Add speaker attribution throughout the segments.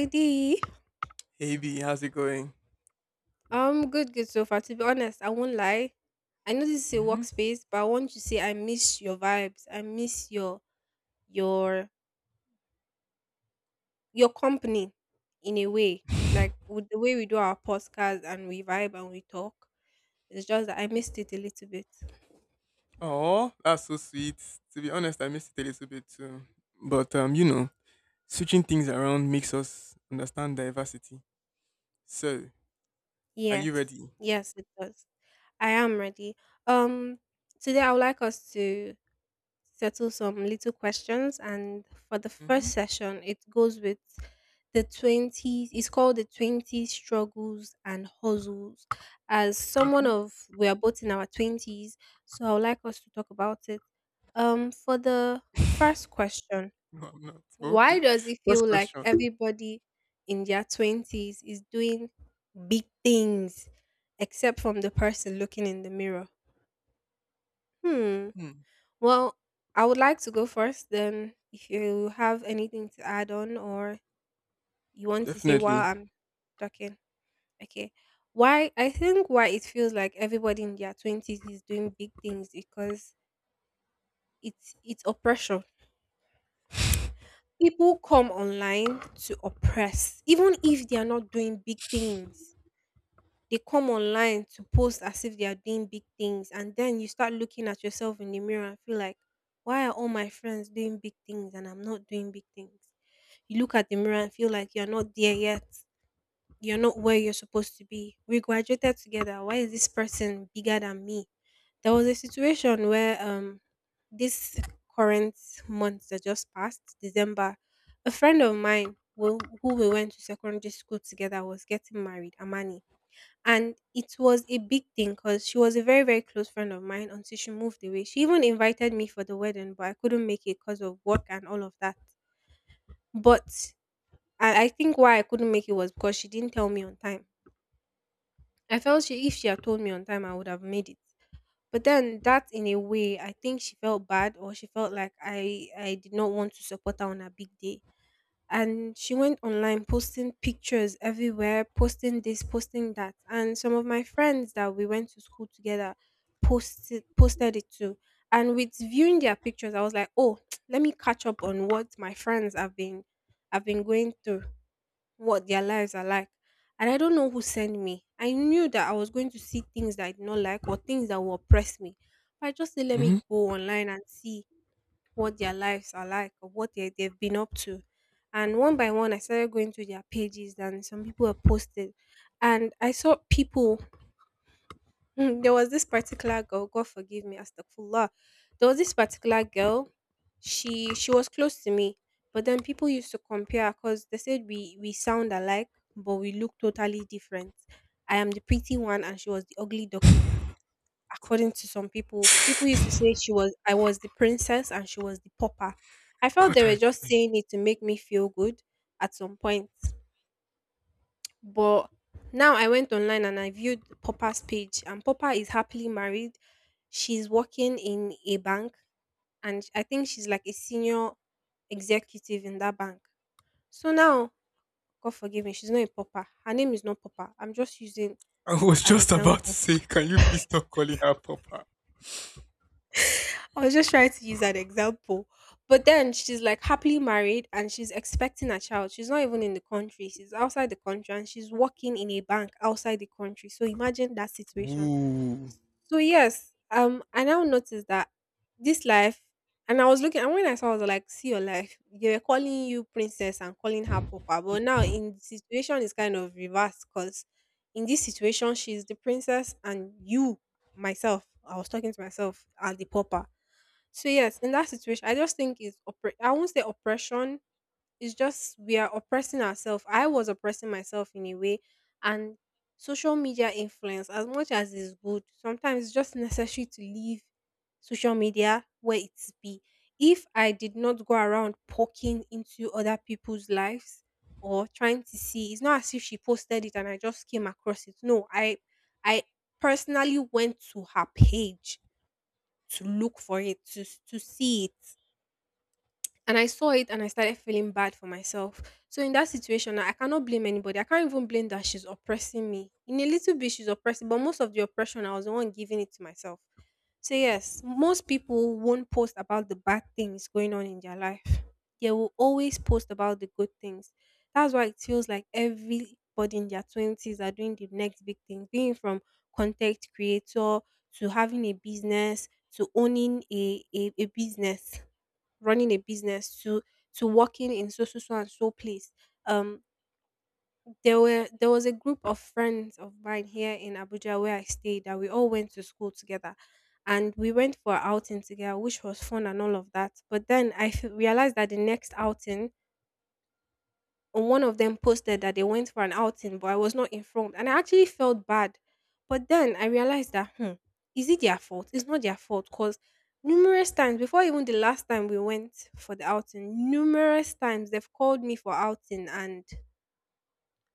Speaker 1: Lady,
Speaker 2: Hey B, how's it going?
Speaker 1: I'm good, good so far. To be honest, I won't lie. I know this is a
Speaker 2: Hmm.
Speaker 1: workspace, but I want to say I miss your vibes. I miss your your company in a way. Like with the way we do our podcast and we vibe and we talk. It's just that I missed it a little bit.
Speaker 2: Oh, that's so sweet. To be honest, I missed it a little bit too. But switching things around makes us understand diversity. So, are
Speaker 1: Yes.
Speaker 2: you ready?
Speaker 1: Yes, it does. I am ready. Um Today I would like us to settle some little questions, and for the
Speaker 2: Mm-hmm.
Speaker 1: first session, it goes with the 20s. It's called the 20 struggles and hustles. As someone
Speaker 2: Mm-hmm.
Speaker 1: of We are both in our 20s, so I would like us to talk about it. For the first question:
Speaker 2: No, I'm not. But
Speaker 1: why
Speaker 2: okay.
Speaker 1: does it
Speaker 2: First
Speaker 1: feel like
Speaker 2: question.
Speaker 1: everybody in their 20s is doing big things except from the person looking in the mirror? Hmm.
Speaker 2: Hmm.
Speaker 1: Well, I would like to go first, then, if you have anything to add on, or you want to say
Speaker 2: Definitely.
Speaker 1: while I'm talking. Okay. Why I think why it feels like everybody in their 20s is doing big things, because it's oppression. People come online to oppress. Even if they are not doing big things, they come online to post as if they are doing big things. And then you start looking at yourself in the mirror and feel like, why are all my friends doing big things and I'm not doing big things? You look at the mirror and feel like you're not there yet. You're not where you're supposed to be. We graduated together. Why is this person bigger than me? There was a situation where this current month that just passed, December, a friend of mine who we went to secondary school together was getting married, Amani. And it was a big thing because she was a very, very close friend of mine until she moved away. She even invited me for the wedding, but I couldn't make it because of work and all of that. But and I think why I couldn't make it was because she didn't tell me on time. I felt she if she had told me on time, I would have made it. But then, that in a way, I think she felt bad, or she felt like I did not want to support her on her big day. And she went online posting pictures everywhere, posting this, posting that. And some of my friends that we went to school together posted it too. And with viewing their pictures, I was like, oh, let me catch up on what my friends have been, going through, what their lives are like. And I don't know who sent me. I knew that I was going to see things that I did not like, or things that will oppress me. But I just said, let
Speaker 2: Mm-hmm.
Speaker 1: me go online and see what their lives are like, or what they've been up to. And one by one, I started going to their pages, and some people were posted. And I saw people. There was this particular girl, God forgive me, astaghfirullah. There was this particular girl, she was close to me, but then people used to compare because they said we sound alike, but we look totally different. I am the pretty one and she was the ugly duckling. According to some people, people used to say she was I was the princess and she was the pauper. I felt
Speaker 2: God,
Speaker 1: they were
Speaker 2: I
Speaker 1: just
Speaker 2: beg.
Speaker 1: saying it to make me feel good at some point. But now I went online and I viewed Popper's page, and Popper is happily married. She's working in a bank, and I think she's like a senior executive in that bank. So now, God forgive me, she's not a Popper. Her name is not Popper. I'm just using
Speaker 2: I was
Speaker 1: an
Speaker 2: just about to
Speaker 1: example.
Speaker 2: say, can you please stop calling her Papa?
Speaker 1: I was just trying to use an example. But then she's like happily married and she's expecting a child. She's not even in the country. She's outside the country and she's working in a bank outside the country. So imagine that situation.
Speaker 2: Ooh.
Speaker 1: So yes, I now noticed that this life, and I was looking, and when I saw, I was like, "See your life. They were calling you princess and calling her papa, but now in the situation is kind of reversed, because in this situation she's the princess and you, myself," I was talking to myself, "are the papa." So yes, in that situation, I just think I won't say oppression, it's just we are oppressing ourselves. I was oppressing myself in a way, and social media influence, as much as is good, sometimes it's just necessary to leave social media where it's be. If I did not go around poking into other people's lives or trying to see — it's not as if she posted it and I just came across it. No, I personally went to her page to look for it, to see it, and I saw it and I started feeling bad for myself. So in that situation, I cannot blame anybody. I can't even blame that she's oppressing me. In a little bit, she's oppressing, but most of the oppression I was the one giving it to myself. So yes, most people won't post about the bad things going on in their life. They will always post about the good things. That's why it feels like everybody in their twenties are doing the next big thing, being from content creator, to having a business, to owning a business, running a business, to working in so and so place. Um, there was a group of friends of mine here in Abuja where I stayed that we all went to school together, and we went for an outing together, which was fun and all of that. But then I realized that the next outing, one of them posted that they went for an outing, but I was not informed. And I actually felt bad. But then I realized that, is it their fault? It's not their fault because numerous times, before even the last time we went for the outing, numerous times they've called me for outing, and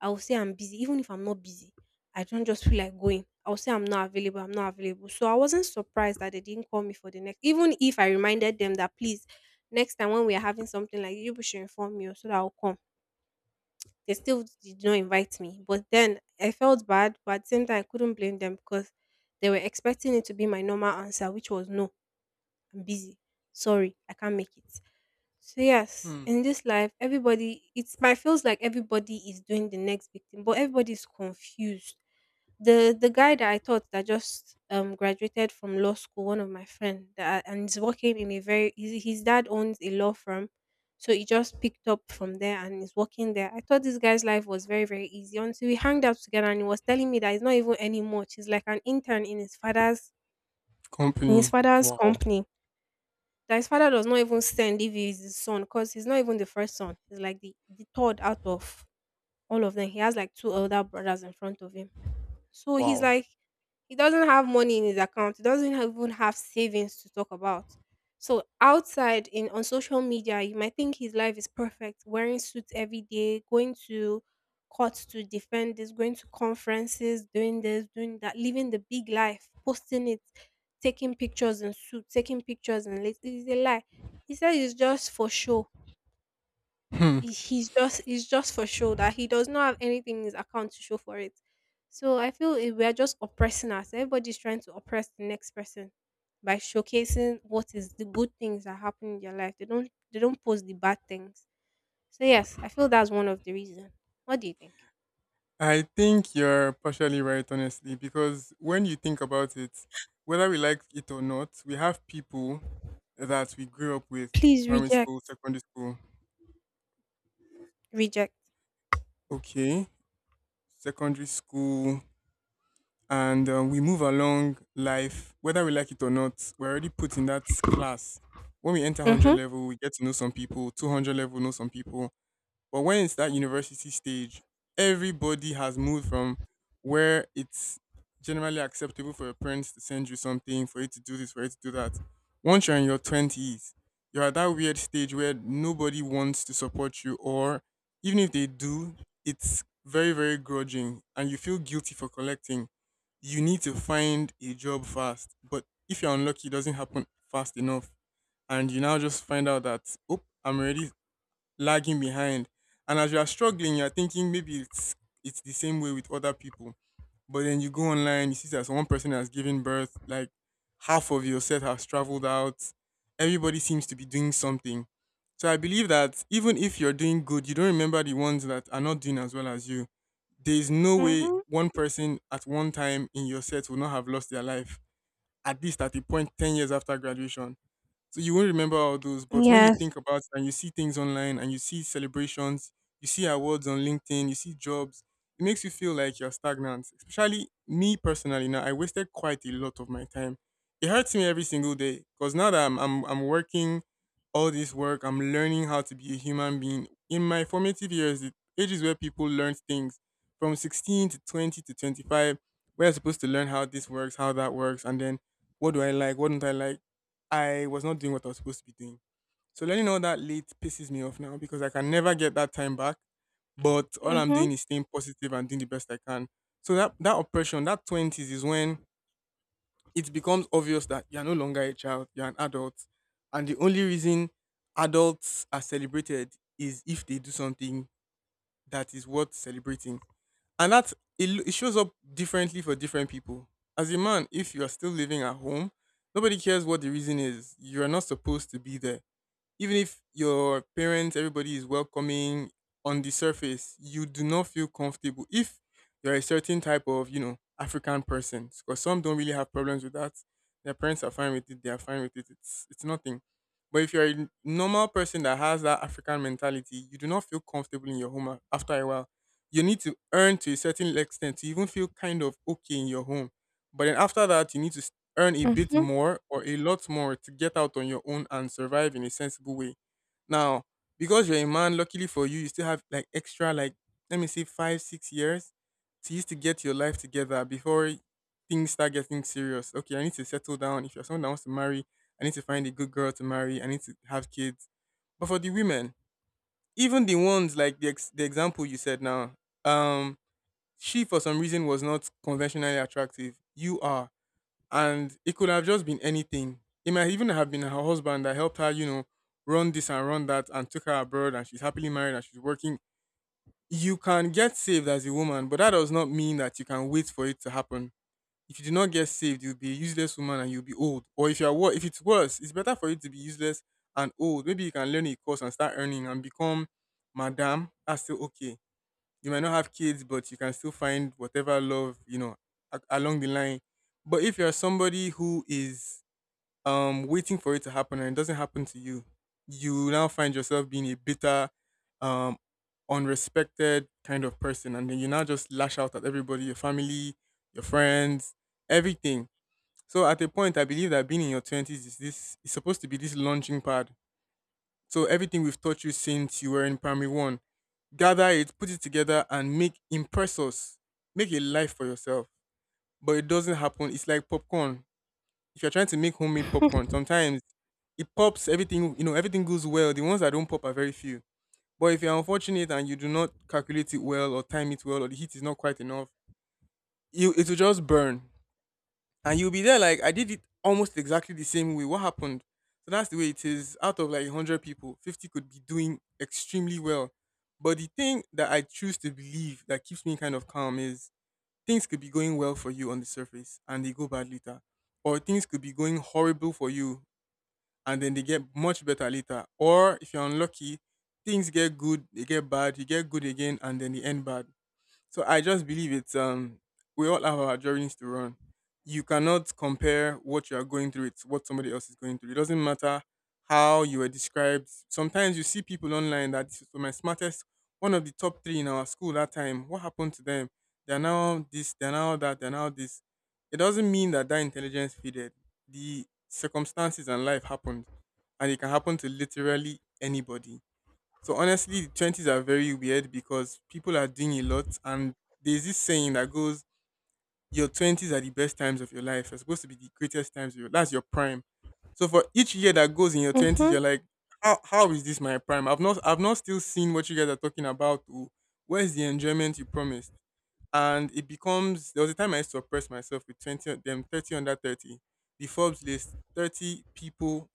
Speaker 1: I will say I'm busy. Even if I'm not busy, I don't just feel like going. I'll say I'm not available, I'm not available. So I wasn't surprised that they didn't call me for the next, even if I reminded them that, please, next time when we are having something like this, you people should inform me oh, so that I'll come. They still did not invite me. But then I felt bad, but at the same time, I couldn't blame them because they were expecting it to be my normal answer, which was no, I'm busy. Sorry, I can't make it. So yes,
Speaker 2: Hmm.
Speaker 1: in this life, everybody it's my feels like everybody is doing the next big thing, but everybody is confused. The guy that I thought that just graduated from law school, one of my friend that and is working in a very — his dad owns a law firm. So he just picked up from there and is working there. I thought this guy's life was very, very easy until we hanged out together and he was telling me that it's not even any much. He's like an intern in his father's in his
Speaker 2: Company.
Speaker 1: father's
Speaker 2: Wow.
Speaker 1: company. That his father does not even send if he is his son, because he's not even the first son. He's like the third out of all of them. He has like two elder brothers in front of him. So he's
Speaker 2: Wow.
Speaker 1: like, he doesn't have money in his account. He doesn't even have savings to talk about. So outside, in on social media, you might think his life is perfect, wearing suits every day, going to courts to defend this, going to conferences, doing this, doing that, living the big life, posting it, taking pictures in suit, taking pictures in late. It's a lie. He said it's just for show.
Speaker 2: Hmm.
Speaker 1: He's just, it's just for show, that he does not have anything in his account to show for it. So I feel we are just oppressing us. Everybody's trying to oppress the next person by showcasing what is the good things that happen in their life. They don't post the bad things. So yes, I feel that's one of the reasons. What do you think?
Speaker 2: I think you're partially right, honestly, because when you think about it, whether we like it or not, we have people that we grew up with,
Speaker 1: Please
Speaker 2: primary
Speaker 1: reject,
Speaker 2: school, secondary school,
Speaker 1: reject.
Speaker 2: okay, secondary school, and we move along life. Whether we like it or not, we're already put in that class. When we enter 100
Speaker 1: Mhm.
Speaker 2: level, we get to know some people, 200 level, know some people. But when it's that university stage, everybody has moved from where it's generally acceptable for your parents to send you something, for you to do this, for you to do that. Once you're in your 20s, you're at that weird stage where nobody wants to support you, or even if they do, it's very, very grudging and you feel guilty for collecting. You need to find a job fast. But if you're unlucky, it doesn't happen fast enough. And you now just find out that, oh, I'm already lagging behind. And as you are struggling, you're thinking maybe it's the same way with other people. But then you go online, you see that one person has given birth, like half of your set has traveled out. Everybody seems to be doing something. So I believe that even if you're doing good, you don't remember the ones that are not doing as well as you. There is no way
Speaker 1: Mhm.
Speaker 2: one person at one time in your set will not have lost their life, at least at the point 10 years after graduation, so you won't remember all those, but when you
Speaker 1: Yes.
Speaker 2: think about it and you see things online and you see celebrations, you see awards on LinkedIn, you see jobs, it makes you feel like you're stagnant. Especially me personally now, I wasted quite a lot of my time. It hurts me every single day because now that I'm working all this work, I'm learning how to be a human being. In my formative years, the ages where people learn things from 16 to 20 to 25, we're supposed to learn how this works, how that works, and then what do I like, what don't I like. I was not doing what I was supposed to be doing. So learning all that late pisses me off now because I can never get that time back. But all I'm
Speaker 1: Mhm.
Speaker 2: doing is staying positive and doing the best I can. So that oppression, that twenties is when it becomes obvious that you're no longer a child, you're an adult. And the only reason adults are celebrated is if they do something that is worth celebrating. And that it shows up differently for different people. As a man, if you are still living at home, nobody cares what the reason is. You are not supposed to be there. Even if your parents, everybody is welcoming on the surface, you do not feel comfortable if you're a certain type of, you know, African person. Because some don't really have problems with that. Their parents are fine with it, they are fine with it. It's nothing. But if you're a normal person that has that African mentality, you do not feel comfortable in your home after a while. You need to earn to a certain extent to even feel kind of okay in your home. But then after that, you need to earn a bit
Speaker 1: Mhm.
Speaker 2: more or a lot more to get out on your own and survive in a sensible way. Now, because you're a man, luckily for you, you still have like extra, like, let me say, five, 6 years to use to get your life together before things start getting serious. Okay, I need to settle down. If you're someone that wants to marry, I need to find a good girl to marry. I need to have kids. But for the women, even the ones like the example you said now, um, she for some reason was not conventionally attractive. You are, and it could have just been anything. It might even have been her husband that helped her, you know, run this and run that and took her abroad, and she's happily married and she's working. You can get saved as a woman, but that does not mean that you can wait for it to happen. If you do not get saved, you'll be a useless woman and you'll be old. Or if you're if it's worse, it's better for you to be useless and old. Maybe you can learn a course and start earning and become madam. That's still okay. You might not have kids, but you can still find whatever love, you know, along the line. But if you're somebody who is waiting for it to happen and it doesn't happen to you, you now find yourself being a bitter, um, unrespected kind of person, and then you now just lash out at everybody, your family, your friends, everything. So at a point, I believe that being in your twenties is, this is supposed to be this launching pad, so everything we've taught you since you were in primary one, gather it, put it together, and make, impress us. Make a life for yourself. But it doesn't happen. It's like popcorn. If you're trying to make homemade popcorn, sometimes it pops everything, you know, everything goes well. The ones that don't pop are very few. But if you're unfortunate and you do not calculate it well or time it well or the heat is not quite enough, you, it will just burn and you'll be there like, I did it almost exactly the same way. What happened? So that's the way it is. Out of like hundred people, 50 could be doing extremely well. But the thing that I choose to believe that keeps me kind of calm is, things could be going well for you on the surface and they go bad later. Or things could be going horrible for you and then they get much better later. Or if you're unlucky, things get good, they get bad, you get good again and then they end bad. So I just believe it's we all have our journeys to run. You cannot compare what you are going through with what somebody else is going through. It doesn't matter how you were described. Sometimes you see people online that this was my smartest, one of the top three in our school that time. What happened to them? They're now this, they're now that, they're now this. It doesn't mean that that intelligence faded. The circumstances and life happened, and it can happen to literally anybody. So honestly, the twenties are very weird because people are doing a lot, and there's this saying that goes, your twenties are the best times of your life. Are supposed to be the greatest times of your, that's your prime. So for each year that goes in your twenties, you're
Speaker 1: Mhm.
Speaker 2: like, how is this my prime? I've not still seen what you guys are talking about. Oh, where's the enjoyment you promised? And it becomes, there was a time I used to oppress myself with 20 of them, 30 under 30. The Forbes list, 30 people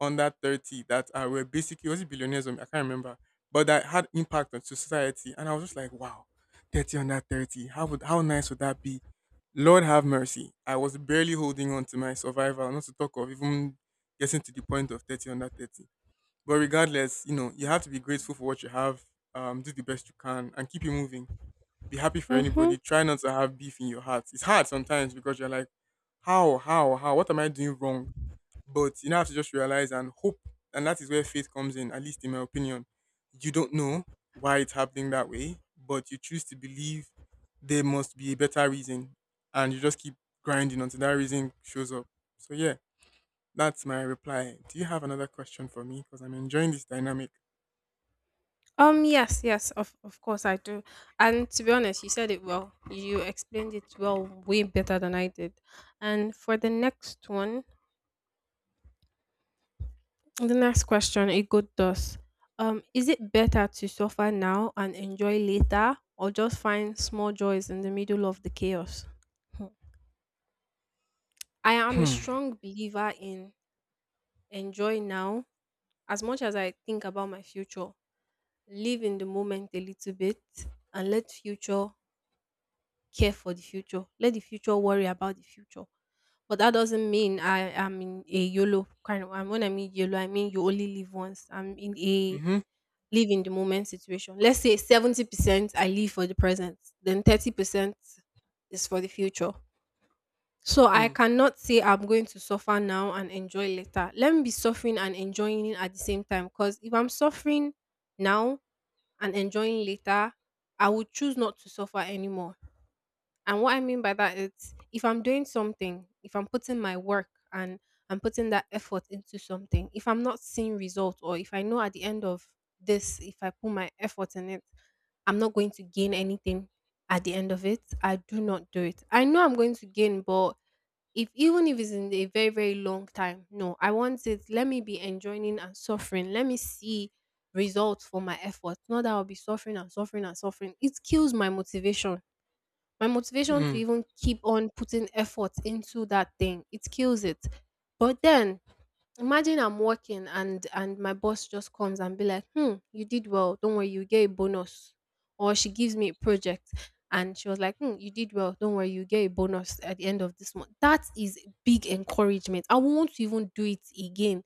Speaker 2: under 30 that are, were basically, was it billionaires or I can't remember, but that had impact on society. And I was just like, wow, 30 under 30. How would, how nice would that be? Lord have mercy. I was barely holding on to my survival, not to talk of even getting to the point of 30 under 30. But regardless, you know, you have to be grateful for what you have, do the best you can, and keep it moving. Be happy for
Speaker 1: Mhm.
Speaker 2: anybody. Try not to have beef in your heart. It's hard sometimes because you're like, how, how? What am I doing wrong? But you now have to just realize and hope. And that is where faith comes in, at least in my opinion. You don't know why it's happening that way, but you choose to believe there must be a better reason. And you just keep grinding until that reason shows up. So, yeah, that's my reply. Do you have another question for me? Because I'm enjoying this dynamic.
Speaker 1: Yes, yes, of course I do. And to be honest, you said it well. You explained it well, way better than I did. And for the next one, the next question, it goes thus. Is it better to suffer now and enjoy later, or just find small joys in the middle of the chaos? Hmm. I am a
Speaker 2: Hmm.
Speaker 1: strong believer in enjoy now as much as I think about my future. Live in the moment a little bit and let future care for the future. Let the future worry about the future. But that doesn't mean I am in a YOLO kind of. And when I mean YOLO, I mean you only live once. I'm in a
Speaker 2: Mm-hmm.
Speaker 1: live in the moment situation. Let's say 70% I live for the present, then 30% is for the future. So I
Speaker 2: Hmm.
Speaker 1: cannot say I'm going to suffer now and enjoy later. Let me be suffering and enjoying it at the same time. Because if I'm suffering now and enjoying later, I would choose not to suffer anymore. And what I mean by that is, if I'm doing something, if I'm putting my work and I'm putting that effort into something, if I'm not seeing results, or if I know at the end of this, if I put my effort in it, I'm not going to gain anything at the end of it, I do not do it. I know I'm going to gain, but if even if it's in a very, very long time, no, I want it. Let me be enjoying and suffering. Let me see results for my efforts. Not that I'll be suffering and suffering and suffering. It kills my motivation to
Speaker 2: Hmm.
Speaker 1: even keep on putting effort into that thing. It kills it. But then imagine I'm working and my boss just comes and be like, "Hmm, you did well. Don't worry, you get a bonus." Or she gives me a project and she was like, "Hmm, you did well. Don't worry, you get a bonus at the end of this month." That is big encouragement. I won't want to even do it again.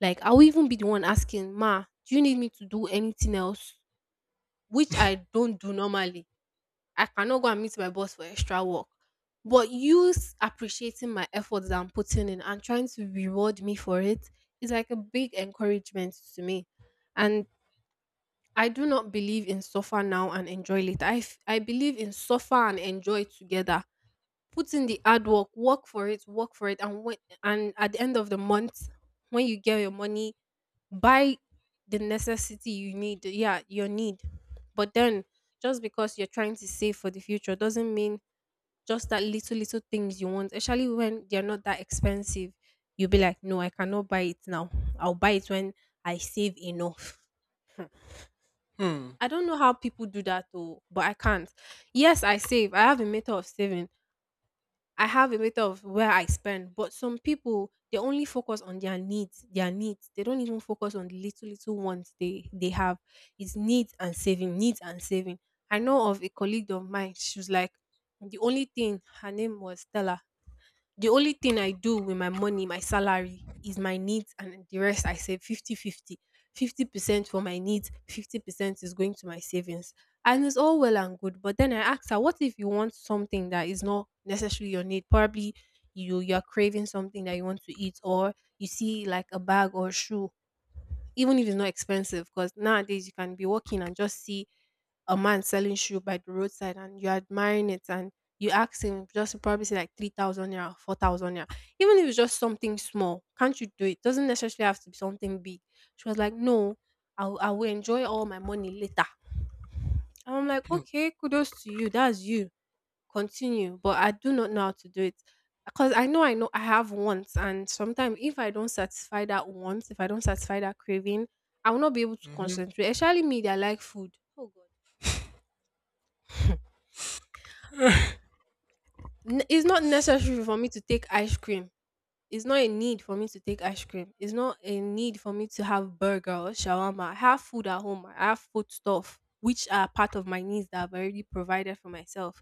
Speaker 1: Like, I will even be the one asking, "Ma, do you need me to do anything else?" Which I don't do normally. I cannot go and meet my boss for extra work. But appreciating my efforts that I'm putting in and trying to reward me for it is like a big encouragement to me. And I do not believe in suffer now and enjoy later. I believe in suffer and enjoy together. Put in the hard work, work for it, and at the end of the month, when you get your money, buy the necessity you need. Yeah, your need. But then, just because you're trying to save for the future doesn't mean just that little, little things you want, especially when they're not that expensive, you'll be like, "No, I cannot buy it now. I'll buy it when I save enough."
Speaker 2: Hmm.
Speaker 1: I don't know how people do that though, but I can't. Yes, I save. I have a method of saving. I have a method of where I spend. But some people, they only focus on their needs, their needs. They don't even focus on the little little ones they have. It's needs and saving, needs and saving. I know of a colleague of mine. She was like, the only thing, her name was Stella, the only thing I do with my money, my salary, is my needs, and the rest I save 50-50. 50-50. 50, 50% for my needs, 50% is going to my savings. And it's all well and good. But then I asked her, "What if you want something that is not necessarily your need? Probably you're craving something that you want to eat, or you see like a bag or shoe, even if it's not expensive, because nowadays you can be walking and just see a man selling shoe by the roadside, and you're admiring it, and you ask him, just probably say like 3,000 naira, 4,000 naira, even if it's just something small, can't you do it? Doesn't necessarily have to be something big." She was like, "No, I will enjoy all my money later." And I'm like,
Speaker 2: Hmm.
Speaker 1: "Okay, kudos to you, that's you, continue," but I do not know how to do it. Because I know I have wants, and sometimes if I don't satisfy that want, if I don't satisfy that craving, I will not be able to
Speaker 2: Mm-hmm.
Speaker 1: concentrate. Especially me that like food. Oh God. It's not necessary for me to take ice cream. It's not a need for me to take ice cream. It's not a need for me to have burger or shawarma. I have food at home. I have food stuff, which are part of my needs that I've already provided for myself.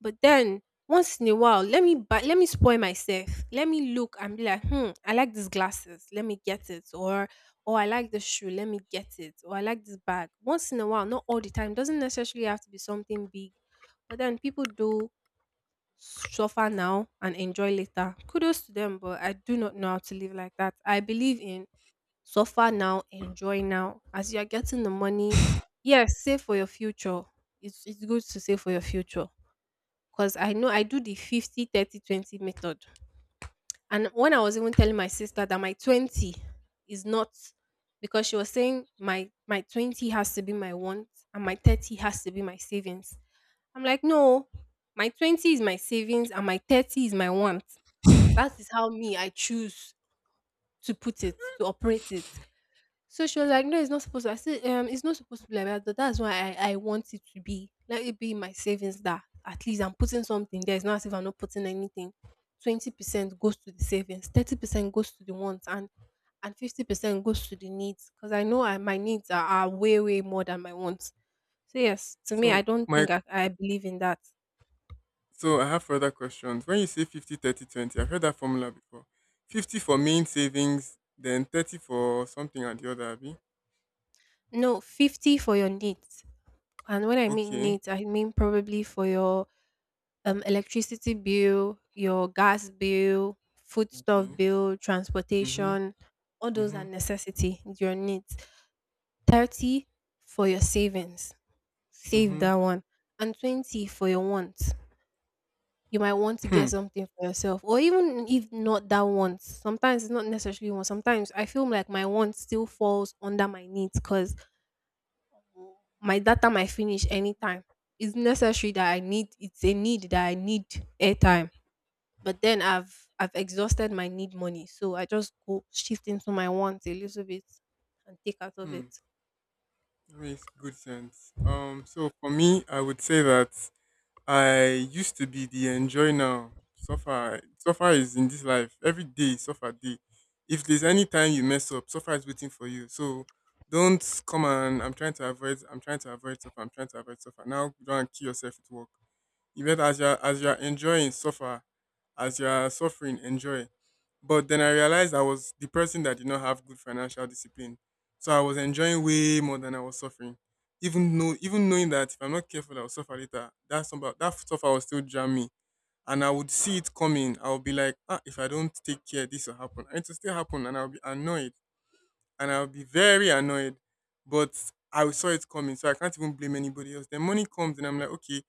Speaker 1: But then, once in a while, let me buy, let me spoil myself. Let me look and be like, "Hmm, I like these glasses. Let me get it." or "I like this shoe. Let me get it." Or "I like this bag." Once in a while, not all the time. Doesn't necessarily have to be something big. But then people do suffer now and enjoy later. Kudos to them, but I do not know how to live like that. I believe in suffer now, enjoy now. As you are getting the money, yes, save for your future. It's good to save for your future. 'Cause I know I do the 50/30/20 method. And when I was even telling my sister that my 20 is not, because she was saying my 20 has to be my want and my 30 has to be my savings. I'm like, "No, my 20 is my savings and my 30 is my want." That is how me I choose to put it, to operate it. So she was like, "No, it's not supposed to." I said, It's not supposed to be like that, but that's why I want it to be. Let it be in my savings, that at least I'm putting something there. It's not as if I'm not putting anything. 20% goes to the savings, 30% goes to the wants, and 50% goes to the needs. Because I know my needs are way way more than my wants. So yes, to me,
Speaker 2: so,
Speaker 1: I don't
Speaker 2: my
Speaker 1: think I believe in that."
Speaker 2: So I have further questions. When you say 50, 30, 20, I've heard that formula before. 50 for main savings, then 30 for something and the other, Abby.
Speaker 1: No, 50 for your needs, and when I mean
Speaker 2: Okay,
Speaker 1: needs, I mean probably for your electricity bill, your gas bill, foodstuff
Speaker 2: okay.
Speaker 1: bill,
Speaker 2: Mm-hmm,
Speaker 1: transportation, all those
Speaker 2: mm-hmm,
Speaker 1: are necessity, your needs. 30 for your savings, save
Speaker 2: mm-hmm.
Speaker 1: that one. And 20 for your wants. You might want to
Speaker 2: Hmm,
Speaker 1: get something for yourself, or even if not that want. Sometimes it's not necessarily want. Sometimes I feel like my want still falls under my needs, because my data might finish anytime. It's necessary that I need, it's a need that I need airtime. But then I've exhausted my need money, so I just go shift into my wants a little bit and take out of
Speaker 2: hmm.
Speaker 1: it.
Speaker 2: That makes good sense. So for me, I would say that I used to be the enjoy now. Suffer, suffer is in this life. Every day, is suffer day. If there's any time you mess up, suffer is waiting for you. So don't come and I'm trying to avoid. I'm trying to avoid suffer. I'm trying to avoid suffer. Now go and kill yourself with work. You better as you're enjoying suffer as you are suffering, enjoy. But then I realized I was the person that did not have good financial discipline. So I was enjoying way more than I was suffering. Even knowing that if I'm not careful, I'll suffer later. That's about that suffer will still jam me, and I would see it coming. I'll be like, ah, if I don't take care, this will happen, and it will still happen, and I'll be annoyed, and I'll be very annoyed. But I saw it coming, so I can't even blame anybody else. Then money comes, and I'm like, okay,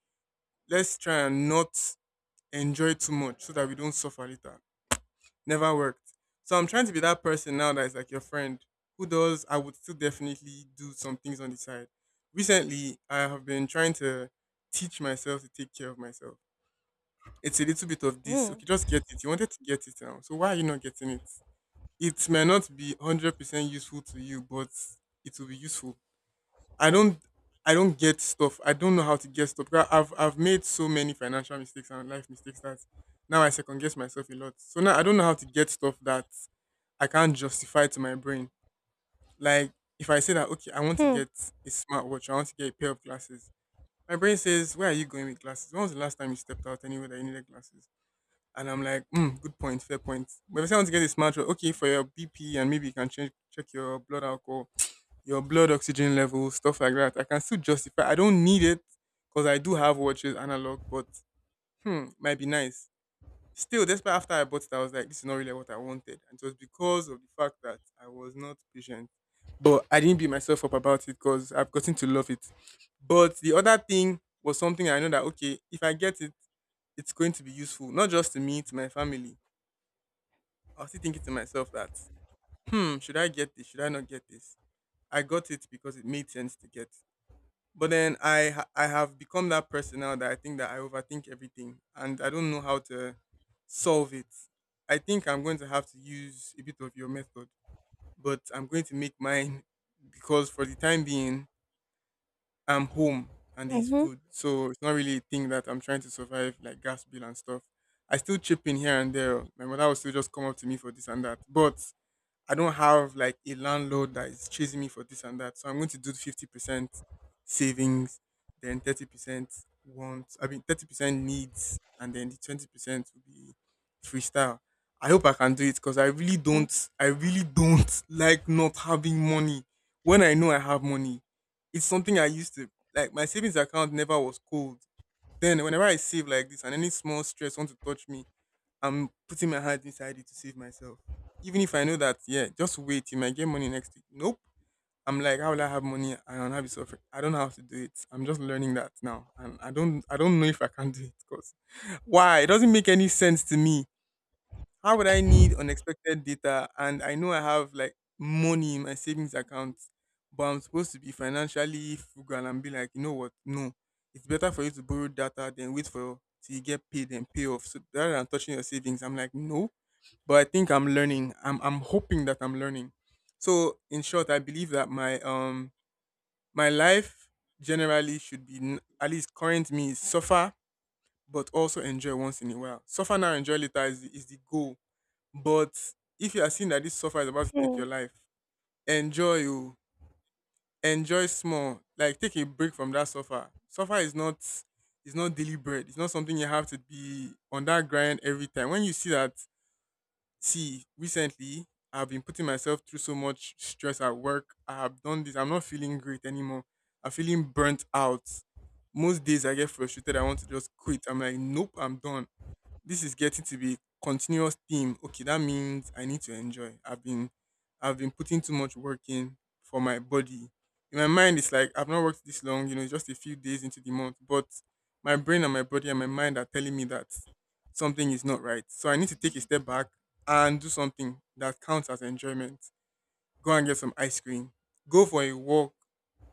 Speaker 2: let's try and not enjoy too much so that we don't suffer later. Never worked. So I'm trying to be that person now that is like your friend who does, I would still definitely do some things on the side. Recently, I have been trying to teach myself to take care of myself. It's a little bit of this.
Speaker 1: Mm.
Speaker 2: Okay, just get it. You wanted to get it now. So why are you not getting it? It may not be 100% useful to you, but it will be useful. I don't I don't get stuff. I don't know how to get stuff. Because I've made so many financial mistakes and life mistakes that now I second guess myself a lot. So now I don't know how to get stuff that I can't justify it to my brain. Like if I say that okay, I want to
Speaker 1: Hmm.
Speaker 2: get a smartwatch, I want to get a pair of glasses. My brain says, "Where are you going with glasses? When was the last time you stepped out anywhere that you needed glasses?" And I'm like, mm, "Good point, fair point." But if I say I want to get a smartwatch, okay, for your BP and maybe you can check your blood alcohol, your blood oxygen level, stuff like that. I can still justify. I don't need it because I do have watches analog, but hmm, might be nice. Still, despite after I bought it, I was like, this is not really what I wanted. And it was because of the fact that I was not patient. But I didn't beat myself up about it because I've gotten to love it. But the other thing was something I know that, okay, if I get it, it's going to be useful, not just to me, to my family. I was still thinking to myself that, hmm, should I get this? Should I not get this? I got it because it made sense to get. But then I have become that person now that I think that I overthink everything and I don't know how to solve it. I think I'm going to have to use a bit of your method, but I'm going to make mine because for the time being I'm home and there's
Speaker 1: Mhm.
Speaker 2: food, so it's not really a thing that I'm trying to survive like gas bill and stuff. I still chip in here and there. My mother will still just come up to me for this and that, but I don't have like a landlord that is chasing me for this and that. So I'm going to do 50% savings, then 30% wants, I mean, 30% needs, and then the 20% will be freestyle. I hope I can do it because
Speaker 1: Mhm.
Speaker 2: I really don't like not having money. When I know I have money, it's something I used to like. My savings account never was cold. Then, whenever I save like this and any small stress want to touch me, I'm putting my hand inside it to save myself. Even if I know that, yeah, just wait, you might get money next week. Nope. I'm like, how will I have money? I don't have it suffering. I don't know how to do it. I'm just learning that now. And I don't know if I can do it because why? It doesn't make any sense to me. How would I need unexpected data? And I know I have like money in my savings account, but I'm supposed to be financially frugal and be like, you know what? No. It's better for you to borrow data than wait for till you get paid and pay off. So rather than touching your savings, I'm like, no, but I think I'm learning. I'm hoping that I'm learning. So in short, I believe that my life generally should be at least current me is suffer but also enjoy once in a while. Suffer now, enjoy later is the goal. But if you are seeing that this suffer is about to take your life, enjoy you enjoy small. Like take a break from that suffer. Suffer is not daily bread. It's not something you have to be on that grind every time. When you see that, see, recently I've been putting myself through so much stress at work. I have done this. I'm not feeling great anymore. I'm feeling burnt out. Most days I get frustrated. I want to just quit. I'm like, nope, I'm done. This is getting to be continuous theme. Okay, that means I need to enjoy. I've been putting too much work in for my body. In my mind, it's like I've not worked this long, it's just a few days into the month. But my brain and my body and my mind are telling me that something is not right. So I need to take a step back and do something that counts as enjoyment. Go and get some ice cream. Go for a walk,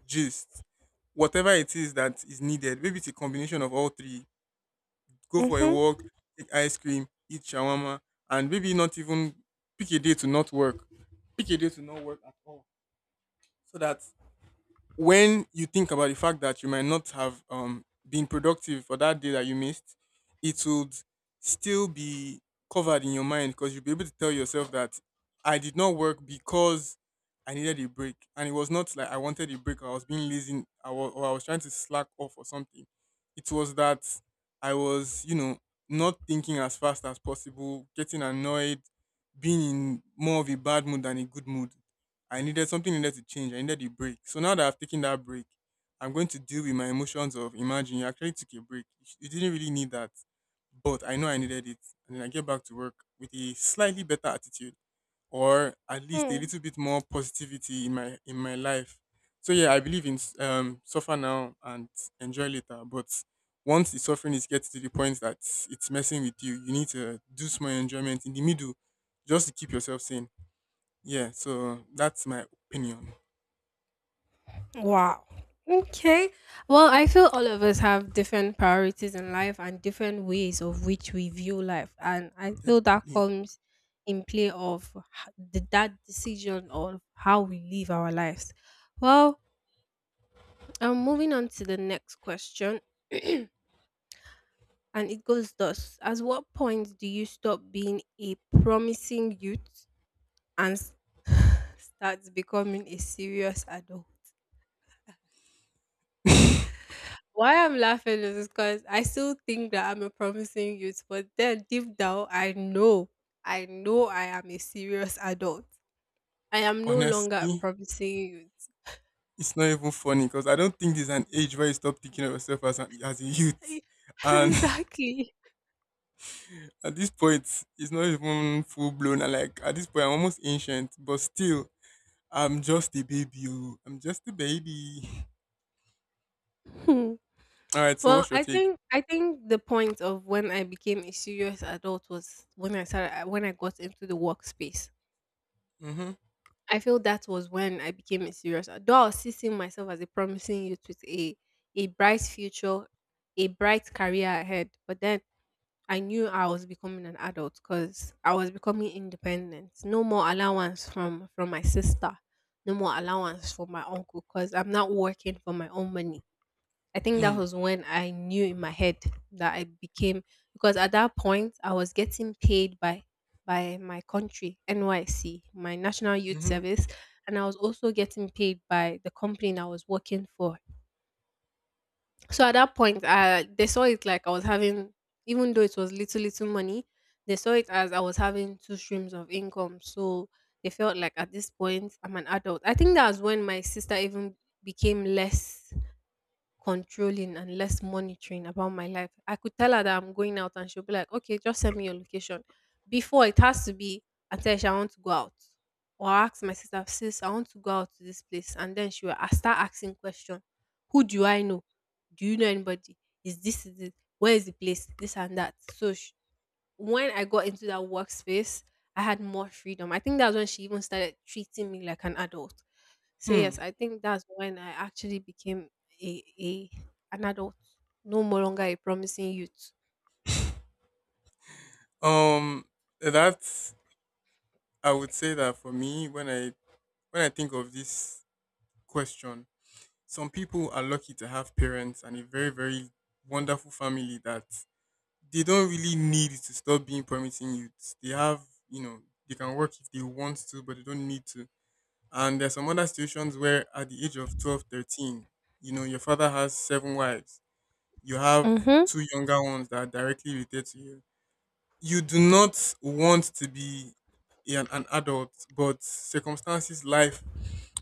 Speaker 2: gist. Whatever it is that is needed. Maybe it's a combination of all three: go for a
Speaker 1: Mhm.
Speaker 2: walk, take ice cream, eat shawarma, and maybe not even pick a day to not work. Pick a day to not work at all so that when you think about the fact that you might not have been productive for that day that you missed, it would still be covered in your mind because you'll be able to tell yourself that I did not work because I needed a break. And it was not like I wanted a break or I was being lazy, or I was trying to slack off or something. It was that I was, not thinking as fast as possible, getting annoyed, being in more of a bad mood than a good mood. I needed something needed to change. I needed a break. So now that I've taken that break, I'm going to deal with my emotions of imagine you actually took a break. You didn't really need that, but I know I needed it. And then I get back to work with a slightly better attitude or at least a
Speaker 1: Mhm.
Speaker 2: little bit more positivity in my life. So yeah, I believe in suffer now and enjoy later. But once the suffering is getting to the point that it's messing with you, you need to do small enjoyment in the middle just to keep yourself sane. Yeah, so that's my opinion.
Speaker 1: Wow. Okay. Well, I feel all of us have different priorities in life and different ways of which we view life, and I feel that
Speaker 2: Definitely.
Speaker 1: comes in play of that decision of how we live our lives. Well, I'm moving on to the next question. And it goes thus. At what point do you stop being a promising youth and start becoming a serious adult? Why I'm laughing is because I still think that I'm a promising youth, but then deep down, I know I am a serious adult. I am no longer a
Speaker 2: Honestly,
Speaker 1: promising
Speaker 2: it's not even funny because I don't think there's an age where you stop thinking of yourself as a youth.
Speaker 1: youth.
Speaker 2: And
Speaker 1: Exactly.
Speaker 2: at this point, it's not even full blown. And like at this point, I'm almost ancient, but still, I'm just a baby. Oh. I'm just a baby.
Speaker 1: Hmm.
Speaker 2: All right. So
Speaker 1: Well,
Speaker 2: what's your
Speaker 1: I
Speaker 2: take?
Speaker 1: think I think the point of when I became a serious adult was when I got into the workspace.
Speaker 2: Mm-hmm.
Speaker 1: I feel that was when I became a serious, though I was still seeing myself as a promising youth with a bright future, a bright career ahead. But then I knew I was becoming an adult because I was becoming independent. No more allowance from my sister, no more allowance from my uncle, because I'm not working for my own money. I think that
Speaker 2: Hmm.
Speaker 1: was when I knew in my head that I became, because at that point I was getting paid by my country, NYC, my National Youth
Speaker 2: Mm-hmm.
Speaker 1: Service, and I was also getting paid by the company that I was working for. So at that point, they saw it like even though it was little little money, they saw it as I was having two streams of income. So they felt like at this point I'm an adult. I think that was when my sister even became less controlling and less monitoring about my life. I could tell her that I'm going out and she'll be like, "Okay, just send me your location." Before, it has to be, "Atesh, I want to go out." Or I ask my sister, "Sis, I want to go out to this place." And then she will I start asking question. Who do I know? Do you know anybody? Is this, is it? Where is the place? This and that. So sh when I got into that workspace, I had more freedom. I think that's when she even started treating me like an adult. So
Speaker 2: Hmm.
Speaker 1: yes, I think that's when I actually became a an adult, no more longer a promising youth.
Speaker 2: Um. That's. I would say that for me, when I think of this question, some people are lucky to have parents and a very, very wonderful family that they don't really need to stop being promising youths. They have you know they can work if they want to, but they don't need to. And there's some other situations where at the age of 12, 13, you know your father has seven wives, you have
Speaker 1: Mm-hmm.
Speaker 2: two younger ones that are directly related to you. You do not want to be an adult, but circumstances, life,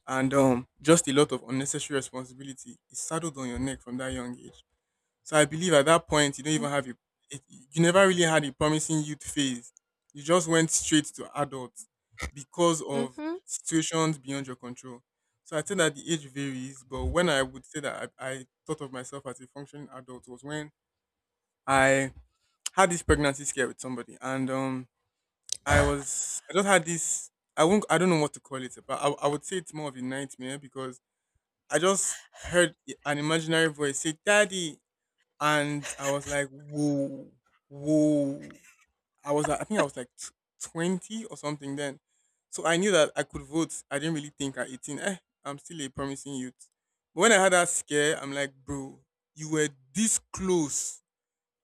Speaker 2: and just a lot of unnecessary responsibility is saddled on your neck from that young age. So I believe at that point you don't even have you never really had a promising youth phase. You just went straight to adults because of
Speaker 1: Mm-hmm.
Speaker 2: situations beyond your control. So I think that the age varies, but when I would say that I thought of myself as a functioning adult was when I had this pregnancy scare with somebody, and I just had this. I don't know what to call it, but I would say it's more of a nightmare because I just heard an imaginary voice say, "Daddy." And I was like, "Whoa, whoa." I was, I think I was like 20 or something then. So I knew that I could vote. I didn't really think at 18, eh, I'm still a promising youth. But when I had that scare, I'm like, "Bro, you were this close,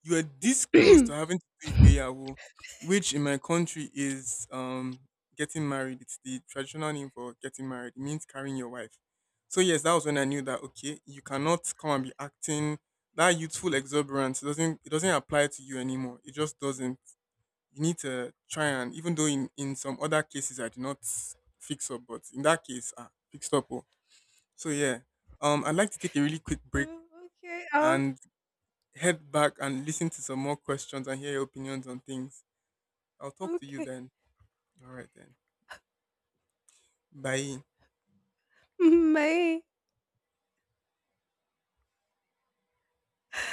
Speaker 2: you are this close to having to do igbeyawo," which in my country is getting married. It's the traditional name for getting married. It means carrying your wife. So yes, that was when I knew that okay, you cannot come and be acting that youthful exuberance. It doesn't apply to you anymore. It just doesn't. You need to try, and even though in some other cases I did not fix up, but in that case I fixed up. Oh. So yeah, I'd like to take a really quick break
Speaker 1: Mm, okay.
Speaker 2: and head back and listen to some more questions and hear your opinions on things. I'll talk to you
Speaker 1: Okay.
Speaker 2: then. All right then. Bye.
Speaker 1: May.